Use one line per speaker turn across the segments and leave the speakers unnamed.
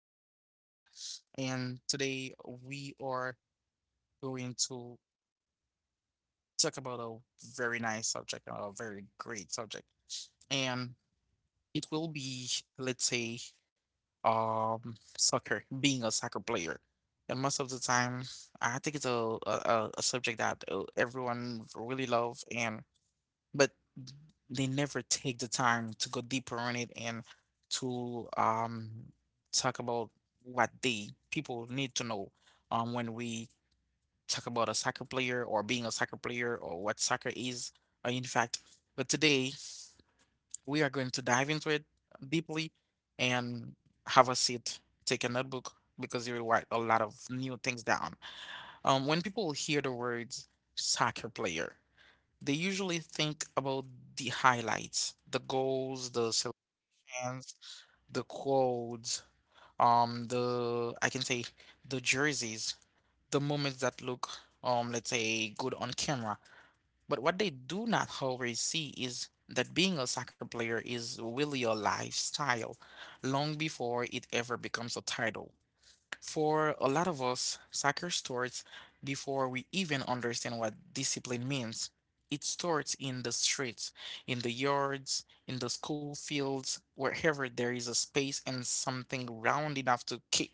our new podcast. And today we are going to talk about a very nice subject, a very great subject. And it will be, let's say, soccer, being a soccer player. And most of the time, I think it's a subject that everyone really love, and but they never take the time to go deeper on it, and to talk about what they people need to know when we talk about a soccer player, or being a soccer player, or what soccer is, in fact. But today we are going to dive into it deeply, and have a seat, take a notebook, because you will write a lot of new things down. When people hear the words soccer player, they usually think about the highlights, the goals, the slogans, the quotes, the I can say the jerseys, the moments that look, let's say, good on camera. But what they do not always see is that being a soccer player is really a lifestyle long before it ever becomes a title. For a lot of us, soccer starts before we even understand what discipline means. It starts in the streets, in the yards, in the school fields, wherever there is a space and something round enough to kick.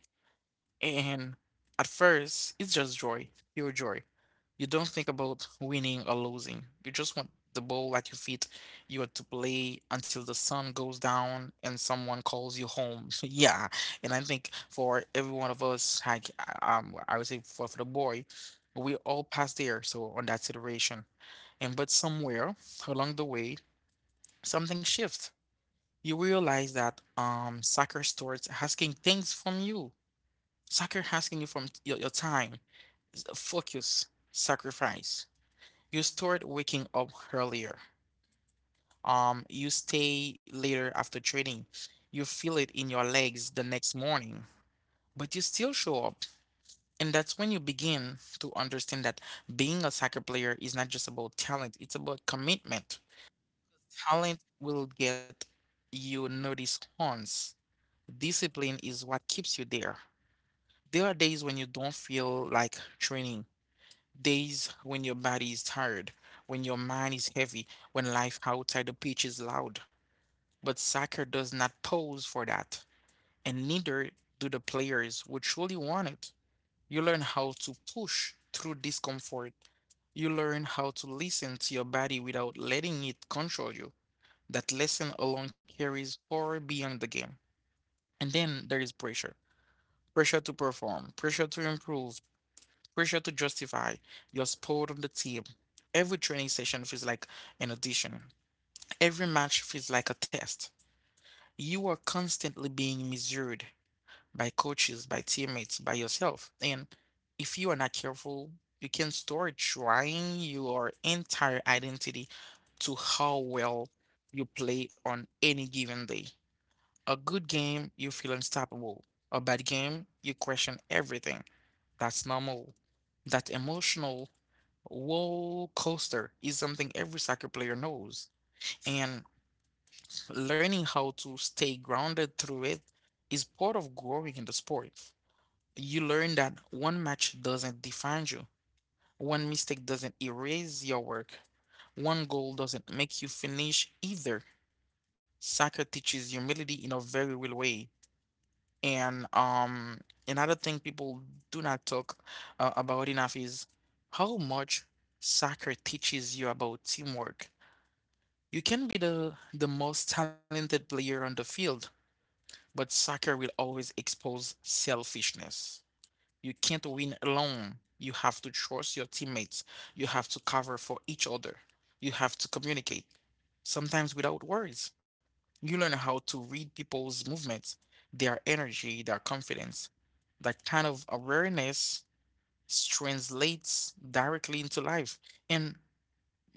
And at first, it's just joy, pure joy. You don't think about winning or losing. You just want the ball at your feet. You want to play until the sun goes down and someone calls you home. Yeah, and I think for every one of us, like, I would say for the boy, we all pass there. So on that situation, and but somewhere along the way, something shifts. You realize that soccer starts asking things from you. Soccer asking you from your time, focus, sacrifice. You start waking up earlier. You stay later after training. You feel it in your legs the next morning, but you still show up. And that's when you begin to understand that being a soccer player is not just about talent, it's about commitment. Talent will get you noticed once. Discipline is what keeps you there. There are days when you don't feel like training. Days when your body is tired, when your mind is heavy, when life outside the pitch is loud. But soccer does not pose for that, and neither do the players who truly want it. You learn how to push through discomfort. You learn how to listen to your body without letting it control you. That lesson alone carries far beyond the game. And then there is pressure, pressure to perform, pressure to improve, pressure to justify your spot on the team. Every training session feels like an audition. Every match feels like a test. You are constantly being measured by coaches, by teammates, by yourself. And if you are not careful, you can start trying your entire identity to how well you play on any given day. A good game, you feel unstoppable. A bad game, you question everything. That's normal. That emotional roller coaster is something every soccer player knows, and learning how to stay grounded through it is part of growing in the sport. You learn that one match doesn't define you, one mistake doesn't erase your work, one goal doesn't make you finish either. Soccer teaches humility in a very real way. And another thing people do not talk about enough is how much soccer teaches you about teamwork. You can be the most talented player on the field, but soccer will always expose selfishness. You can't win alone. You have to trust your teammates. You have to cover for each other. You have to communicate, sometimes without words. You learn how to read people's movements, their energy, their confidence. That kind of awareness translates directly into life. And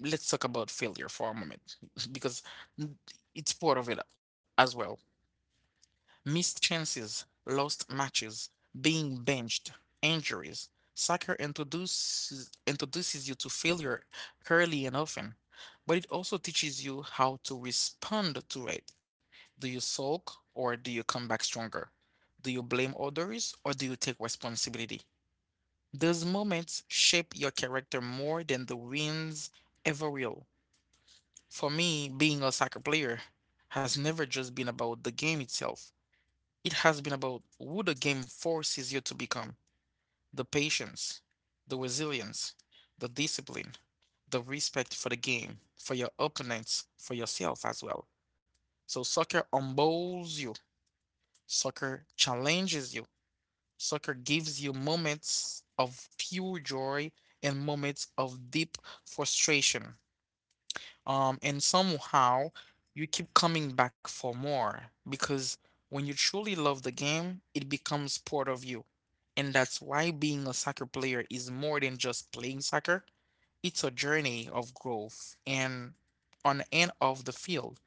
let's talk about failure for a moment because n- it's part of it as well. Missed chances, lost matches, being benched, injuries. Soccer introduces you to failure early and often, but it also teaches you how to respond to it. Do you sulk, or do you come back stronger? Do you blame others, or do you take responsibility? Those moments shape your character more than the wins ever will. For me, being a soccer player has never just been about the game itself. It has been about who the game forces you to become: the patience, the resilience, the discipline, the respect for the game, for your opponents, for yourself as well. So soccer humbles you, soccer challenges you, soccer gives you moments of pure joy and moments of deep frustration. And somehow you keep coming back for more, because when you truly love the game, it becomes part of you. And that's why being a soccer player is more than just playing soccer. It's a journey of growth and on and off the field.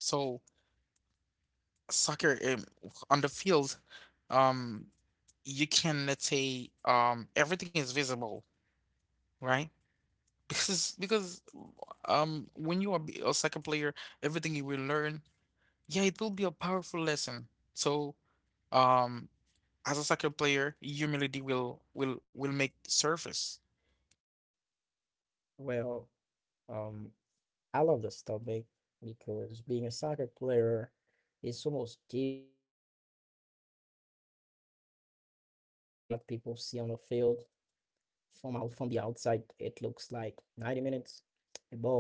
So soccer, on the field, um, you can, let's say, everything is visible, right? Because when you are a soccer player, everything you will learn, yeah, it will be a powerful lesson. So, um, as a soccer player, humility will make surface.
Well, um, I love this topic because being a soccer player is almost deeper than what people see on the field. From the outside, it looks like 90 minutes, a ball, a goal,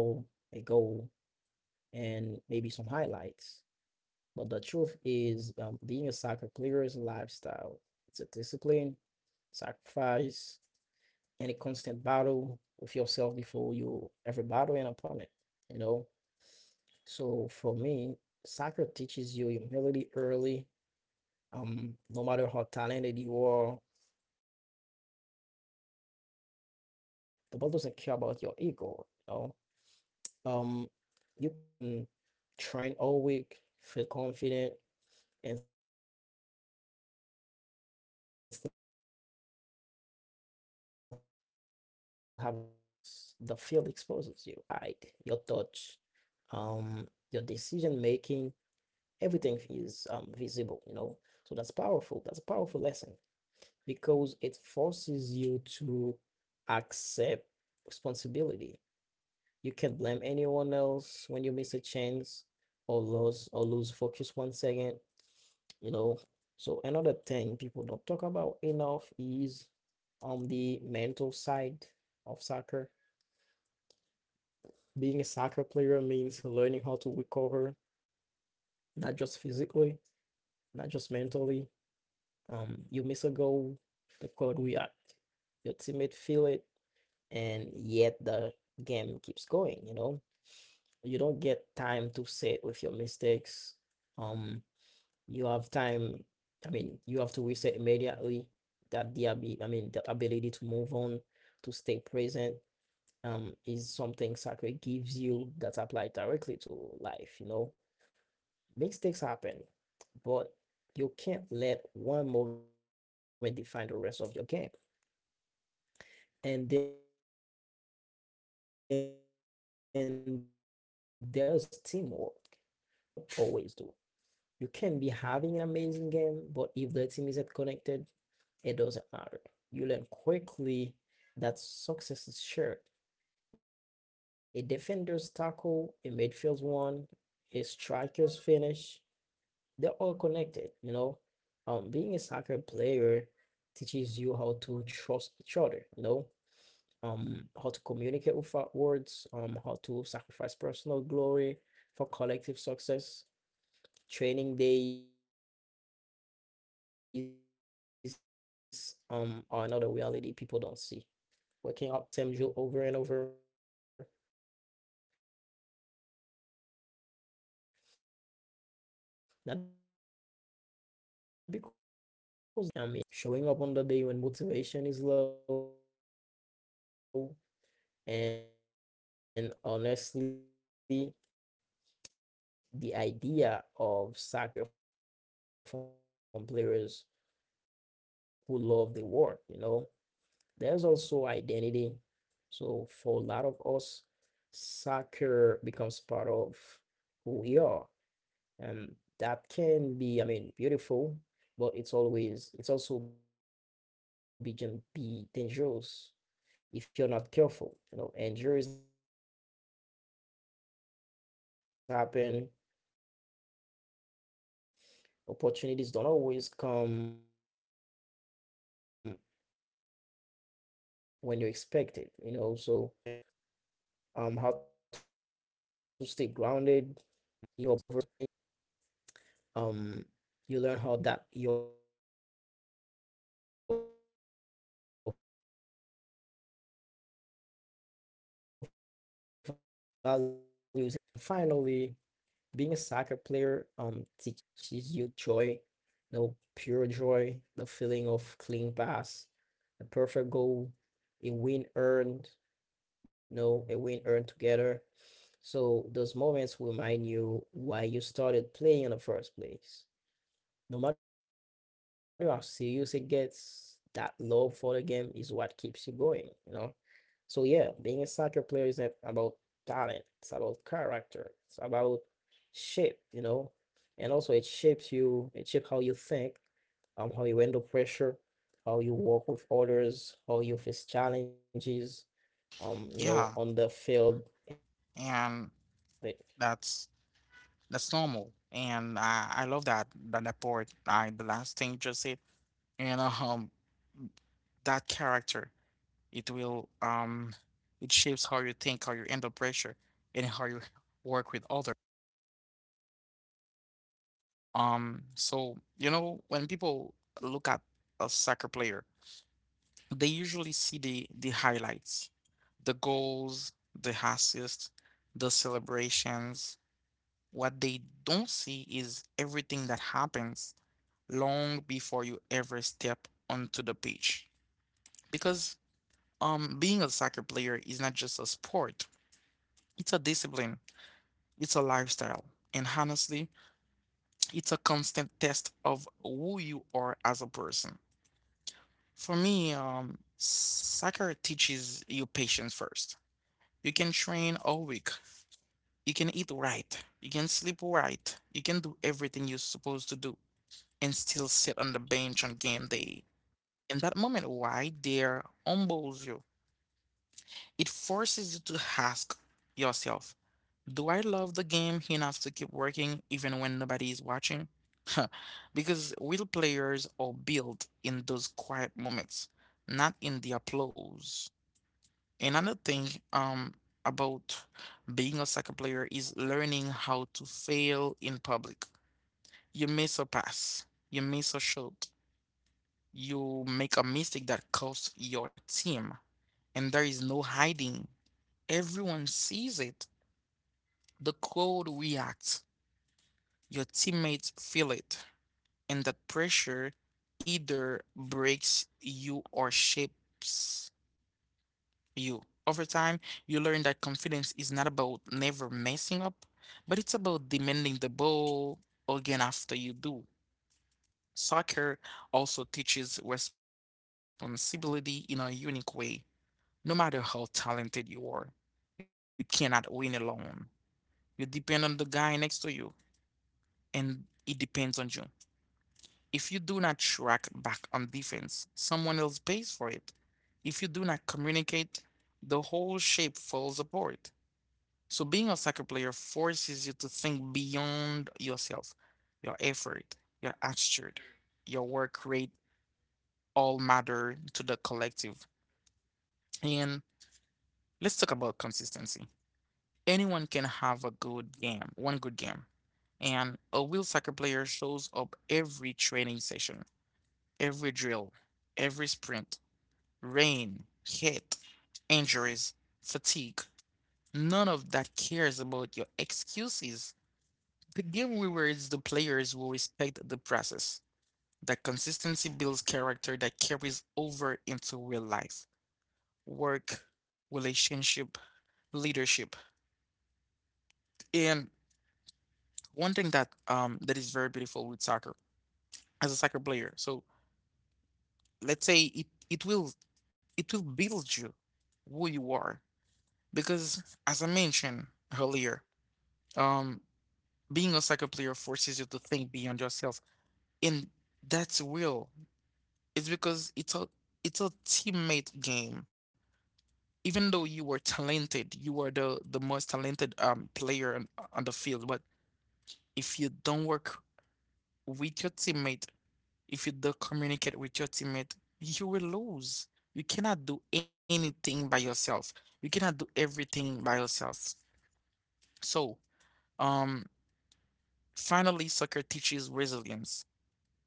and maybe some highlights. But the truth is, being a soccer player is a lifestyle. It's a discipline, sacrifice, and a constant battle with yourself before you ever battle an opponent, you know? So for me, soccer teaches you humility early. No matter how talented you are, the ball doesn't care about your ego. You know, um, you can train all week, feel confident, and still have bad game. And when that happens, the field exposes you. There's nowhere to hide. Your touch, your positioning, your decision making, everything is visible. You know, so that's powerful. That's a powerful lesson, because it forces you to accept responsibility. You can't blame anyone else when you miss a chance or lose focus one second, you know. So another thing people don't talk about enough is on the mental side of soccer. Being a soccer player means learning how to recover, not just physically, not just mentally. You miss a goal, the crowd react, your teammate feel it, and yet the game keeps going. You don't get time to sit with your mistakes. um you have time, I mean, you have to reset immediately, I mean, the ability to move on, to stay present. Is something sacred gives you that's applied directly to life, you know. Mistakes happen, but you can't let one moment define the rest of your game. And then there's teamwork. Um, Soccer humbles you in a way individual sport don't always do. You can be having an amazing game, but if the team isn't connected, it doesn't matter. You learn quickly that success is shared. A defender's tackle, a midfield's one, a striker's finish, they're all connected, you know. Being a soccer player teaches you how to trust each other, you know, how to communicate without words, how to sacrifice personal glory for collective success. Training days are another reality people don't see. Waking up early, training when you're tired, repeating the same drill over and over. Not because they're exciting, because consistency builds, I mean, excellence. Being a soccer player means showing up on the day when motivation is low, and honestly, those are the day that separate players who love the idea of soccer from players who love the war, you know. There's also identity. So for a lot of us, soccer becomes part of who we are. And that can be, I mean, beautiful, but it's always it's also be can be dangerous if you're not careful. You know, injuries happen. Opportunities don't always come when you expect it, you know. So soccer teaches you resilience, how to stay grounded, even when your roles change, when you're benched, or when you have to start over. Um, you learn how that your values are only and how you perform, but and how you prepare, support others, and keep pushing forward, you know. And finally, being a soccer player teaches you joy, no, pure joy, the feeling of clean pass, a perfect goal, a win earned, no, a win earned together. So those moments remind you why you started playing in the first place. No matter how serious it gets, that love for the game is what keeps you going, you know? So yeah, being a soccer player isn't about talent. It's about character. It's about shape, you know. And also it shapes you, it shapes how you think, how you handle pressure, how you work with others, how you face challenges, you know, on the
Yeah,
field and of it. Yeah.
and that's that's normal. And I love that part. I the last thing you just said, and that character it will, it shapes how you think, how you handle pressure, and how you work with others. So you know, when people look at a soccer player, they usually see the highlights, the goals, the assists, the celebrations. What they don't see is everything that happens long before you ever step onto the pitch. Because being a soccer player is not just a sport, it's a discipline, it's a lifestyle. And honestly, it's a constant test of who you are as a person. For me, soccer teaches you patience first. You can train all week. You can eat right. You can sleep right. You can do everything you're supposed to do and still sit on the bench on game day. In that moment, why there humbles you. It forces you to ask yourself, do I love the game enough to keep working even when nobody is watching? Because real players are built in those quiet moments, not in the applause. Another thing, um, about being a soccer player is learning how to fail in public. You miss a pass, you miss a shot, you make a mistake that costs your team, and there is no hiding. Everyone sees it. The crowd reacts, your teammates feel it, and that pressure either breaks you or shapes you. Over time, you learn that confidence is not about never messing up, but it's about demanding the ball again after you do. Soccer also teaches responsibility in a unique way. No matter how talented you are, you cannot win alone. You depend on the guy next to you, and it depends on you. If you do not track back on defense, someone else pays for it. If you do not communicate, the whole shape falls apart. So being a soccer player forces you to think beyond yourself. Your effort, your attitude, your work rate all matter to the collective. And let's talk about consistency. Anyone can have a good game, one good game. And a real soccer player shows up every training session, every drill, every sprint, rain, heat, injuries, fatigue. None of that cares about your excuses. The game rewards the players who respect the process. That consistency builds character that carries over into real life, work, relationship, leadership. And one thing that that is very beautiful with soccer as a soccer player. So let's say it, it will build you who you are. Because as I mentioned earlier, um being a soccer player forces you to think beyond yourself. And that's real. It's because it's a teammate game. Even though you were talented, you were the most talented player on the field, but if you don't work with your teammate, if you don't communicate with your teammate, you will lose. You cannot do anything by yourself. You cannot do everything by yourself. So, um, finally, soccer teaches resilience.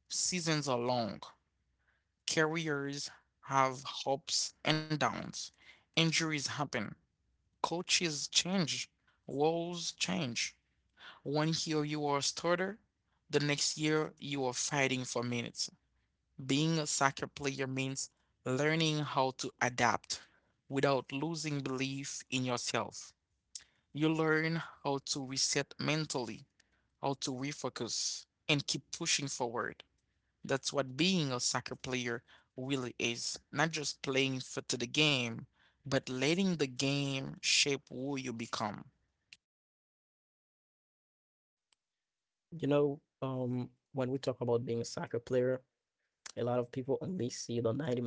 Seasons are long. Careers have ups and downs. Injuries happen. Coaches change, roles change. One year you are a starter, the next year you are fighting for minutes. Being a soccer player means learning how to adapt without losing belief in yourself. You learn how to reset mentally, how to refocus, and keep pushing forward. That's what being a soccer player really is. Not just playing for to the game, but letting the game shape who you become.
You know, when we talk about being a soccer player, a lot of people only see the 90 minute on the field.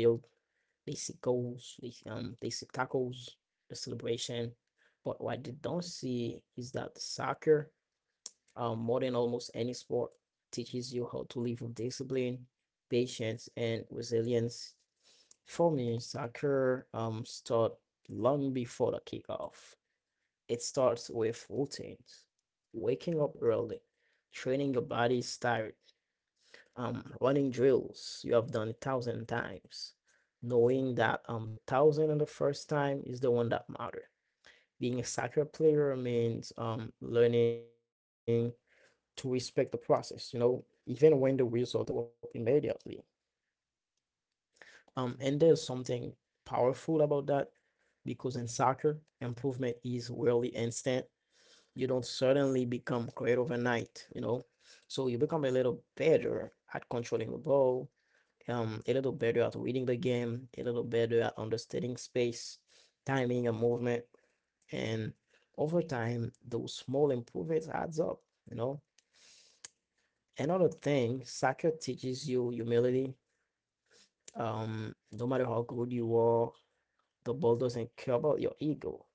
They see goals, they see tackles, the celebration. But what they don't see is that soccer, more than almost any sport, teaches you how to live with discipline, patience, and resilience. For me, soccer starts long before the kickoff. It starts with routines, waking up early, training your body's tired, running drills you have done a thousand times, knowing that the thousand and the first time is the one that matter. Being a soccer player means learning to respect the process, you know, even when the result does show up immediately. And there's something powerful about that, because in soccer improvement is rarely instant. You don't suddenly become great overnight, you know. So you become a little better at controlling the ball, a little better at reading the game, a little better at understanding space, timing and movement, and over time those small improvements adds up, you know. Another thing, soccer teaches you humility. No matter how good you are, the ball doesn't care about your ego.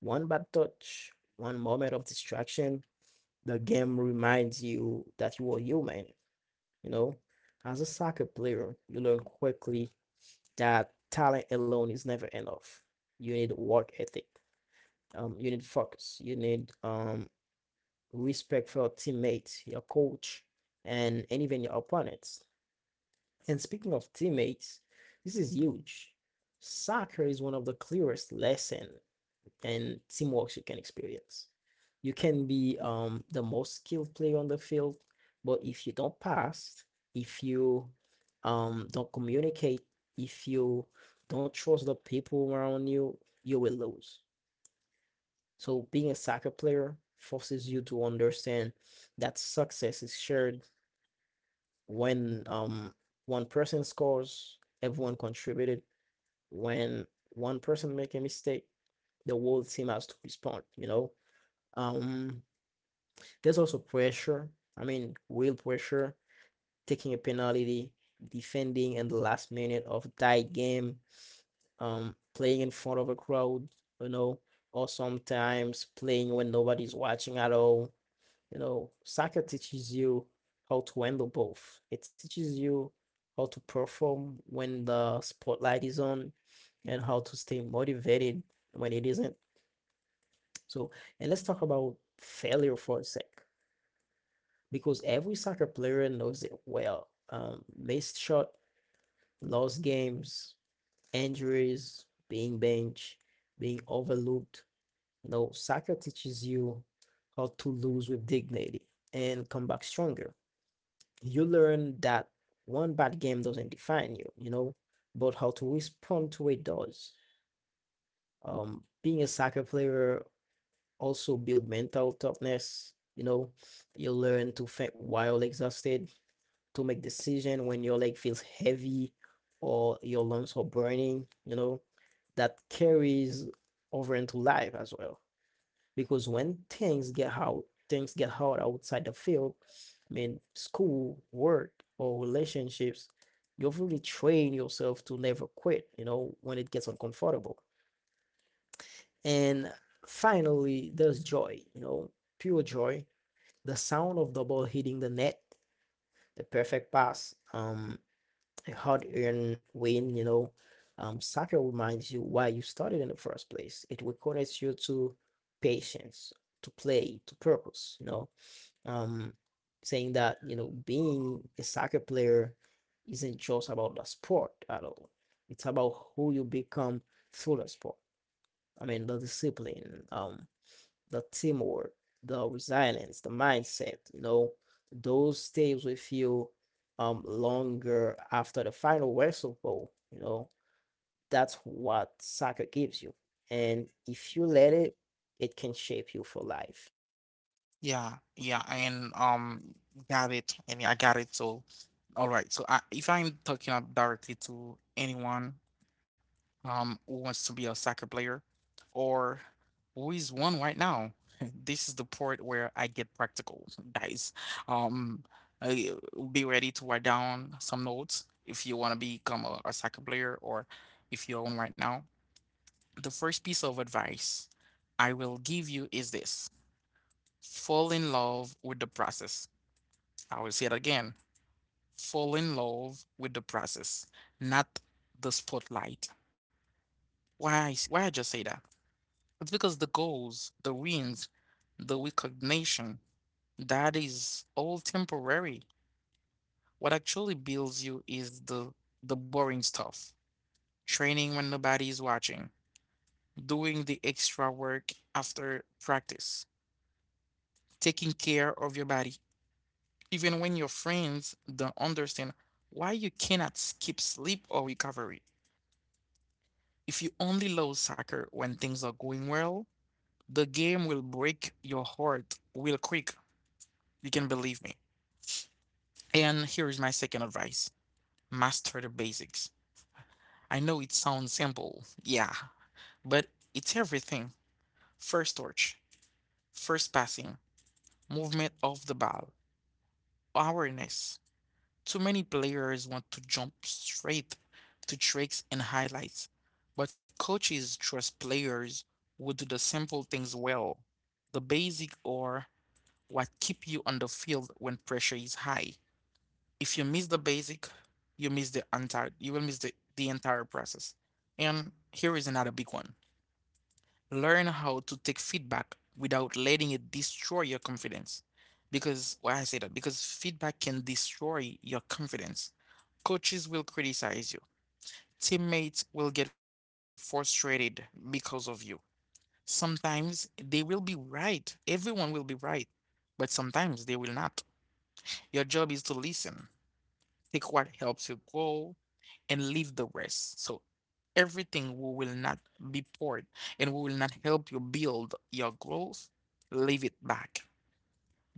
One bad touch, one moment of distraction, the game reminds you that you are human, you know. As a soccer player, you learn quickly that talent alone is never enough. You need work ethic. You need focus. You need respect for your teammates, your coach, and even your opponents. And speaking of teammates, this is huge. Soccer is one of the clearest lesson and teamwork you can experience. You can be the most skilled player on the field, but if you don't pass, if you don't communicate, if you don't trust the people around you, you will lose. So being a soccer player forces you to understand that success is shared. When one person scores, everyone contributed. When one person make a mistake, the whole team has to respond, you know? Um, There's also pressure. I mean, real pressure, taking a penalty, defending in the last minute of tight game, playing in front of a crowd, you know, or sometimes playing when nobody's watching at all. You know, soccer teaches you how to handle both. It teaches you how to perform when the spotlight is on and how to stay motivated when it isn't. So, and let's talk about failure for a sec, because every soccer player knows it well. Missed shot, lost games, injuries, being benched, being overlooked. No, soccer teaches you how to lose with dignity and come back stronger. You learn that one bad game doesn't define you, but how to respond to it does. Being a soccer player also build mental toughness, you learn to think while exhausted, to make decision when your leg feels heavy or your lungs are burning, that carries over into life as well. Because when things get hard outside the field, I mean, school, work, or relationships, you've really trained yourself to never quit, when it gets uncomfortable. And finally, there's joy, pure joy. The sound of the ball hitting the net, the perfect pass, a hard-earned win, soccer reminds you why you started in the first place. It reconnects you to patience, to play, to purpose, Um, saying that, you know, being a soccer player isn't just about the sport at all. It's about who you become through the sport. I mean, the discipline, the teamwork, the resilience, the mindset, you know, those stays with you longer after the final whistle blow, you know. That's what soccer gives you. And if you let it, it can shape you for life.
Yeah, yeah, and got it, and I got it. So, all right. So, if I'm talking up directly to anyone who wants to be a soccer player, or who is one right now, this is the part where I get practical, guys. Um, I, be ready to write down some notes if you want to become a soccer player, or if you're one right now. The first piece of advice I will give you is this: fall in love with the process. I will say it again. Fall in love with the process, not the spotlight. Why? Why I just say that? It's because the goals, the wins, the recognition, that is all temporary. What actually builds you is the boring stuff. Training when nobody is watching, doing the extra work after practice, taking care of your body, even when your friends don't understand why you cannot skip sleep or recovery. If you only love soccer when things are going well, the game will break your heart real quick. You can believe me. And here is my second advice: master the basics. I know it sounds simple, yeah, but it's everything. First touch, first passing, movement of the ball, awareness. Too many players want to jump straight to tricks and highlights, but coaches trust players who do the simple things well. The basic are what keep you on the field when pressure is high. If you miss the basic, you miss the entire you will miss the entire process. And here is another big one. Learn how to take feedback without letting it destroy your confidence. Because why I say that? Because feedback can destroy your confidence. Coaches will criticize you. Teammates will get frustrated because of you. Sometimes they will be right. Everyone will be right, but sometimes they will not. Your job is to listen, take what helps you grow, and leave the rest. So everything we will not be poured and we will not help you build your growth, leave it back.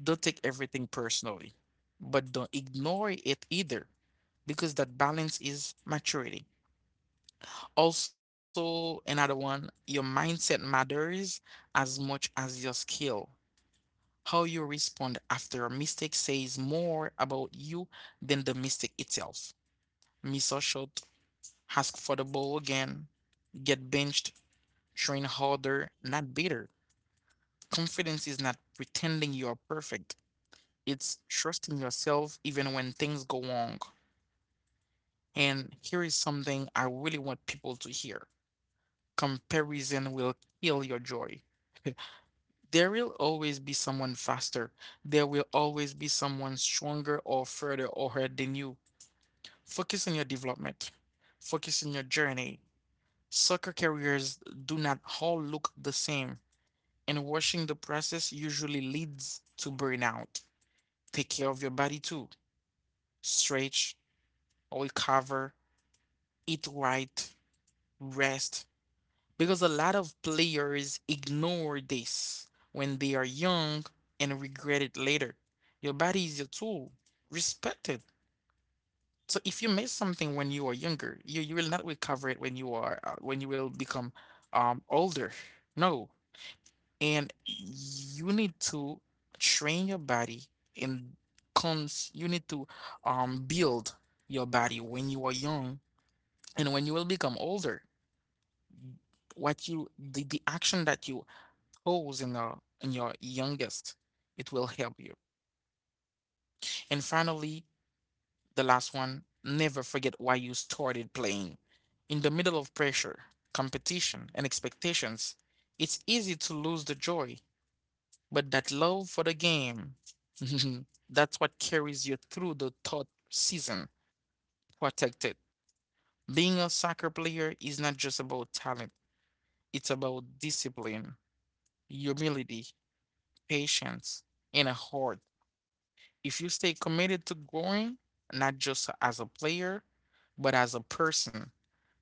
Don't take everything personally, but don't ignore it either because that balance is maturity. Also, another one, your mindset matters as much as your skill. How you respond after a mistake says more about you than the mistake itself. Miss a shot, ask for the ball again, get benched, train harder, not better. Confidence is not pretending you are perfect, it's trusting yourself even when things go wrong. And here is something I really want people to hear: comparison will kill your joy. There will always be someone faster. There will always be someone stronger or further ahead than you. Focus on your development. Focus on your journey. Soccer careers do not all look the same, and watching the process usually leads to burnout. Take care of your body too. Stretch, recover, eat right, rest. Because a lot of players ignore this when they are young and regret it later. Your body is your tool. Respect it. So if you miss something when you are younger, you will not recover it when you are when you will become older. No, and you need to train your body and cons you need to build your body when you are young, and when you will become older, what you, the action that you pose in your, in your youngest, it will help you. And finally, the last one: never forget why you started playing. In the middle of pressure, competition and expectations, it's easy to lose the joy. But that love for the game, that's what carries you through the third season. Protected. Being a soccer player is not just about talent, it's about discipline, humility, patience, and a heart. If you stay committed to growing, not just as a player, but as a person,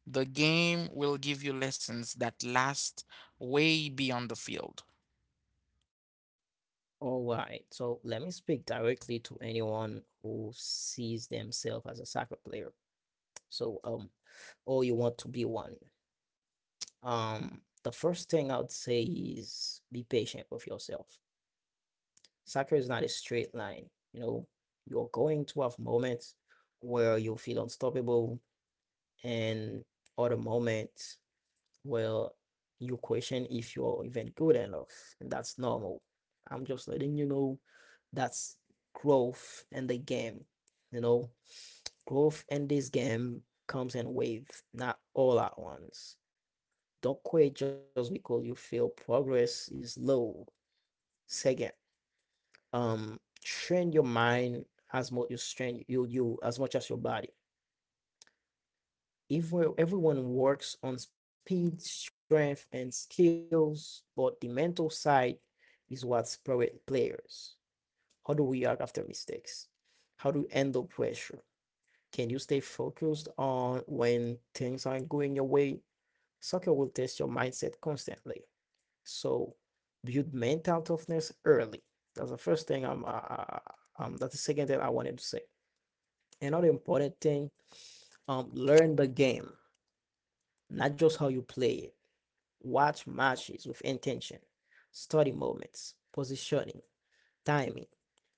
the game will give you lessons that last way beyond the field.
All right. So let me speak directly to anyone who sees themselves as a soccer player. So or you want to be one. The first thing I would say is be patient with yourself. Soccer is not a straight line. You know, you're going to have moments where you feel unstoppable, and other moments where you question if you're even good enough. And that's normal. I'm just letting you know that's growth in the game. You know, growth in this game comes in waves, not all at once. Don't quit just because you feel progress is low. Second, um train your mind as much you strain you as much as your body. If we- Everyone works on speed, strength, and skills, but the mental side is what spirit players. How do we react after mistakes? How do you handle pressure? Can you stay focused on when things aren't going your way? Soccer will test your mindset constantly. So build mental toughness early. That's the first thing I'm uh, that's the second thing I wanted to say. Another important thing, learn the game, not just how you play it. Watch matches with intention, study moments, positioning, timing,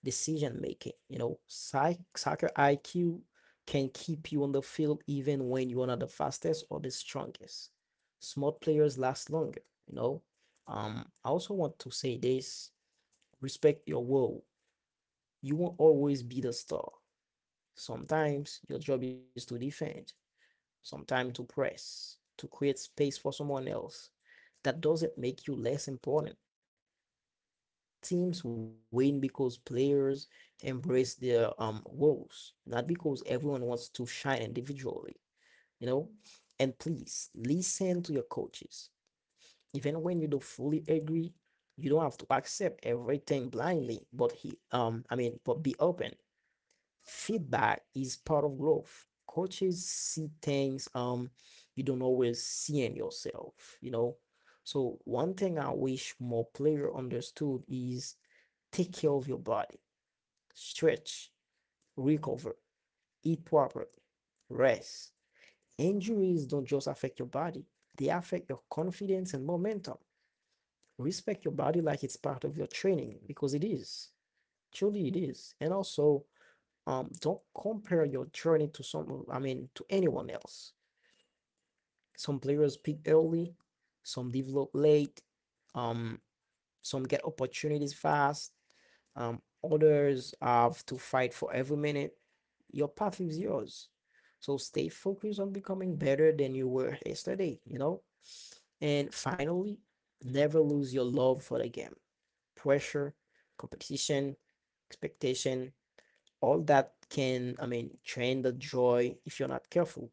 decision making. You know, soccer IQ can keep you on the field even when you are not the fastest or the strongest. Smart players last longer, you know. I also want to say this, respect your role. You won't always be the star. Sometimes your job is to defend. Sometimes to press, to create space for someone else. That doesn't make you less important. Teams win because players embrace their roles, not because everyone wants to shine individually, you know? And please listen to your coaches. Even when you don't fully agree, you don't have to accept everything blindly, but he I mean, but be open. Feedback is part of growth. Coaches see things you don't always see in yourself, you know. So one thing I wish more player understood is take care of your body, stretch, recover, eat properly, rest. Injuries don't just affect your body, they affect your confidence and momentum. Respect your body like it's part of your training because it is. Truly it is. And also don't compare your journey to some, I mean, to anyone else. Some players peak early, some develop late, um, some get opportunities fast, others have to fight for every minute. Your path is yours. So stay focused on becoming better than you were yesterday, you know? And finally, never lose your love for the game. Pressure, competition, expectation, all that can, I mean, drain the joy if you're not careful.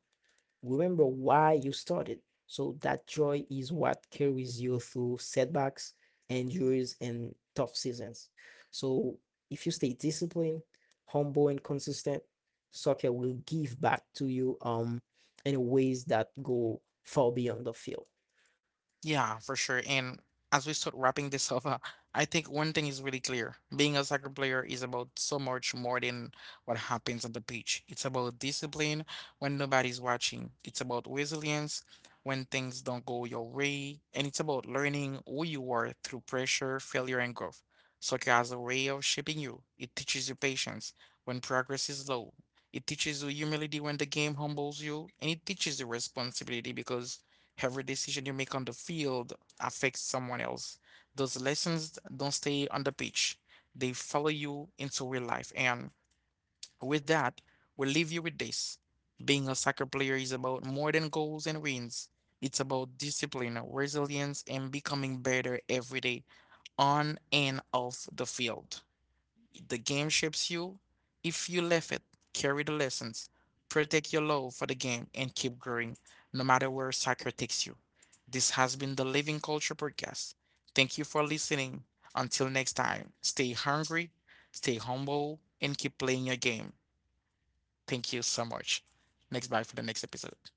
Remember why you started. So that joy is what carries you through setbacks, injuries, and tough seasons. So if you stay disciplined, humble, and consistent, soccer will give back to you in ways that go far beyond the field.
Yeah, for sure. And as we start wrapping this up, I think one thing is really clear. Being a soccer player is about so much more than what happens on the pitch. It's about discipline when nobody's watching. It's about resilience when things don't go your way. And it's about learning who you are through pressure, failure, and growth. Soccer has a way of shaping you. It teaches you patience when progress is low. It teaches you humility when the game humbles you. And it teaches you responsibility because every decision you make on the field affects someone else. Those lessons don't stay on the pitch, they follow you into real life. And with that, we leave you with this. Being a soccer player is about more than goals and wins. It's about discipline, resilience, and becoming better every day, on and off the field. The game shapes you. If you left it, carry the lessons, protect your love for the game, and keep growing, no matter where soccer takes you. This has been the Living Culture Podcast. Thank you for listening. Until next time, stay hungry, stay humble, and keep playing your game. Thank you so much. Next, bye for the next episode.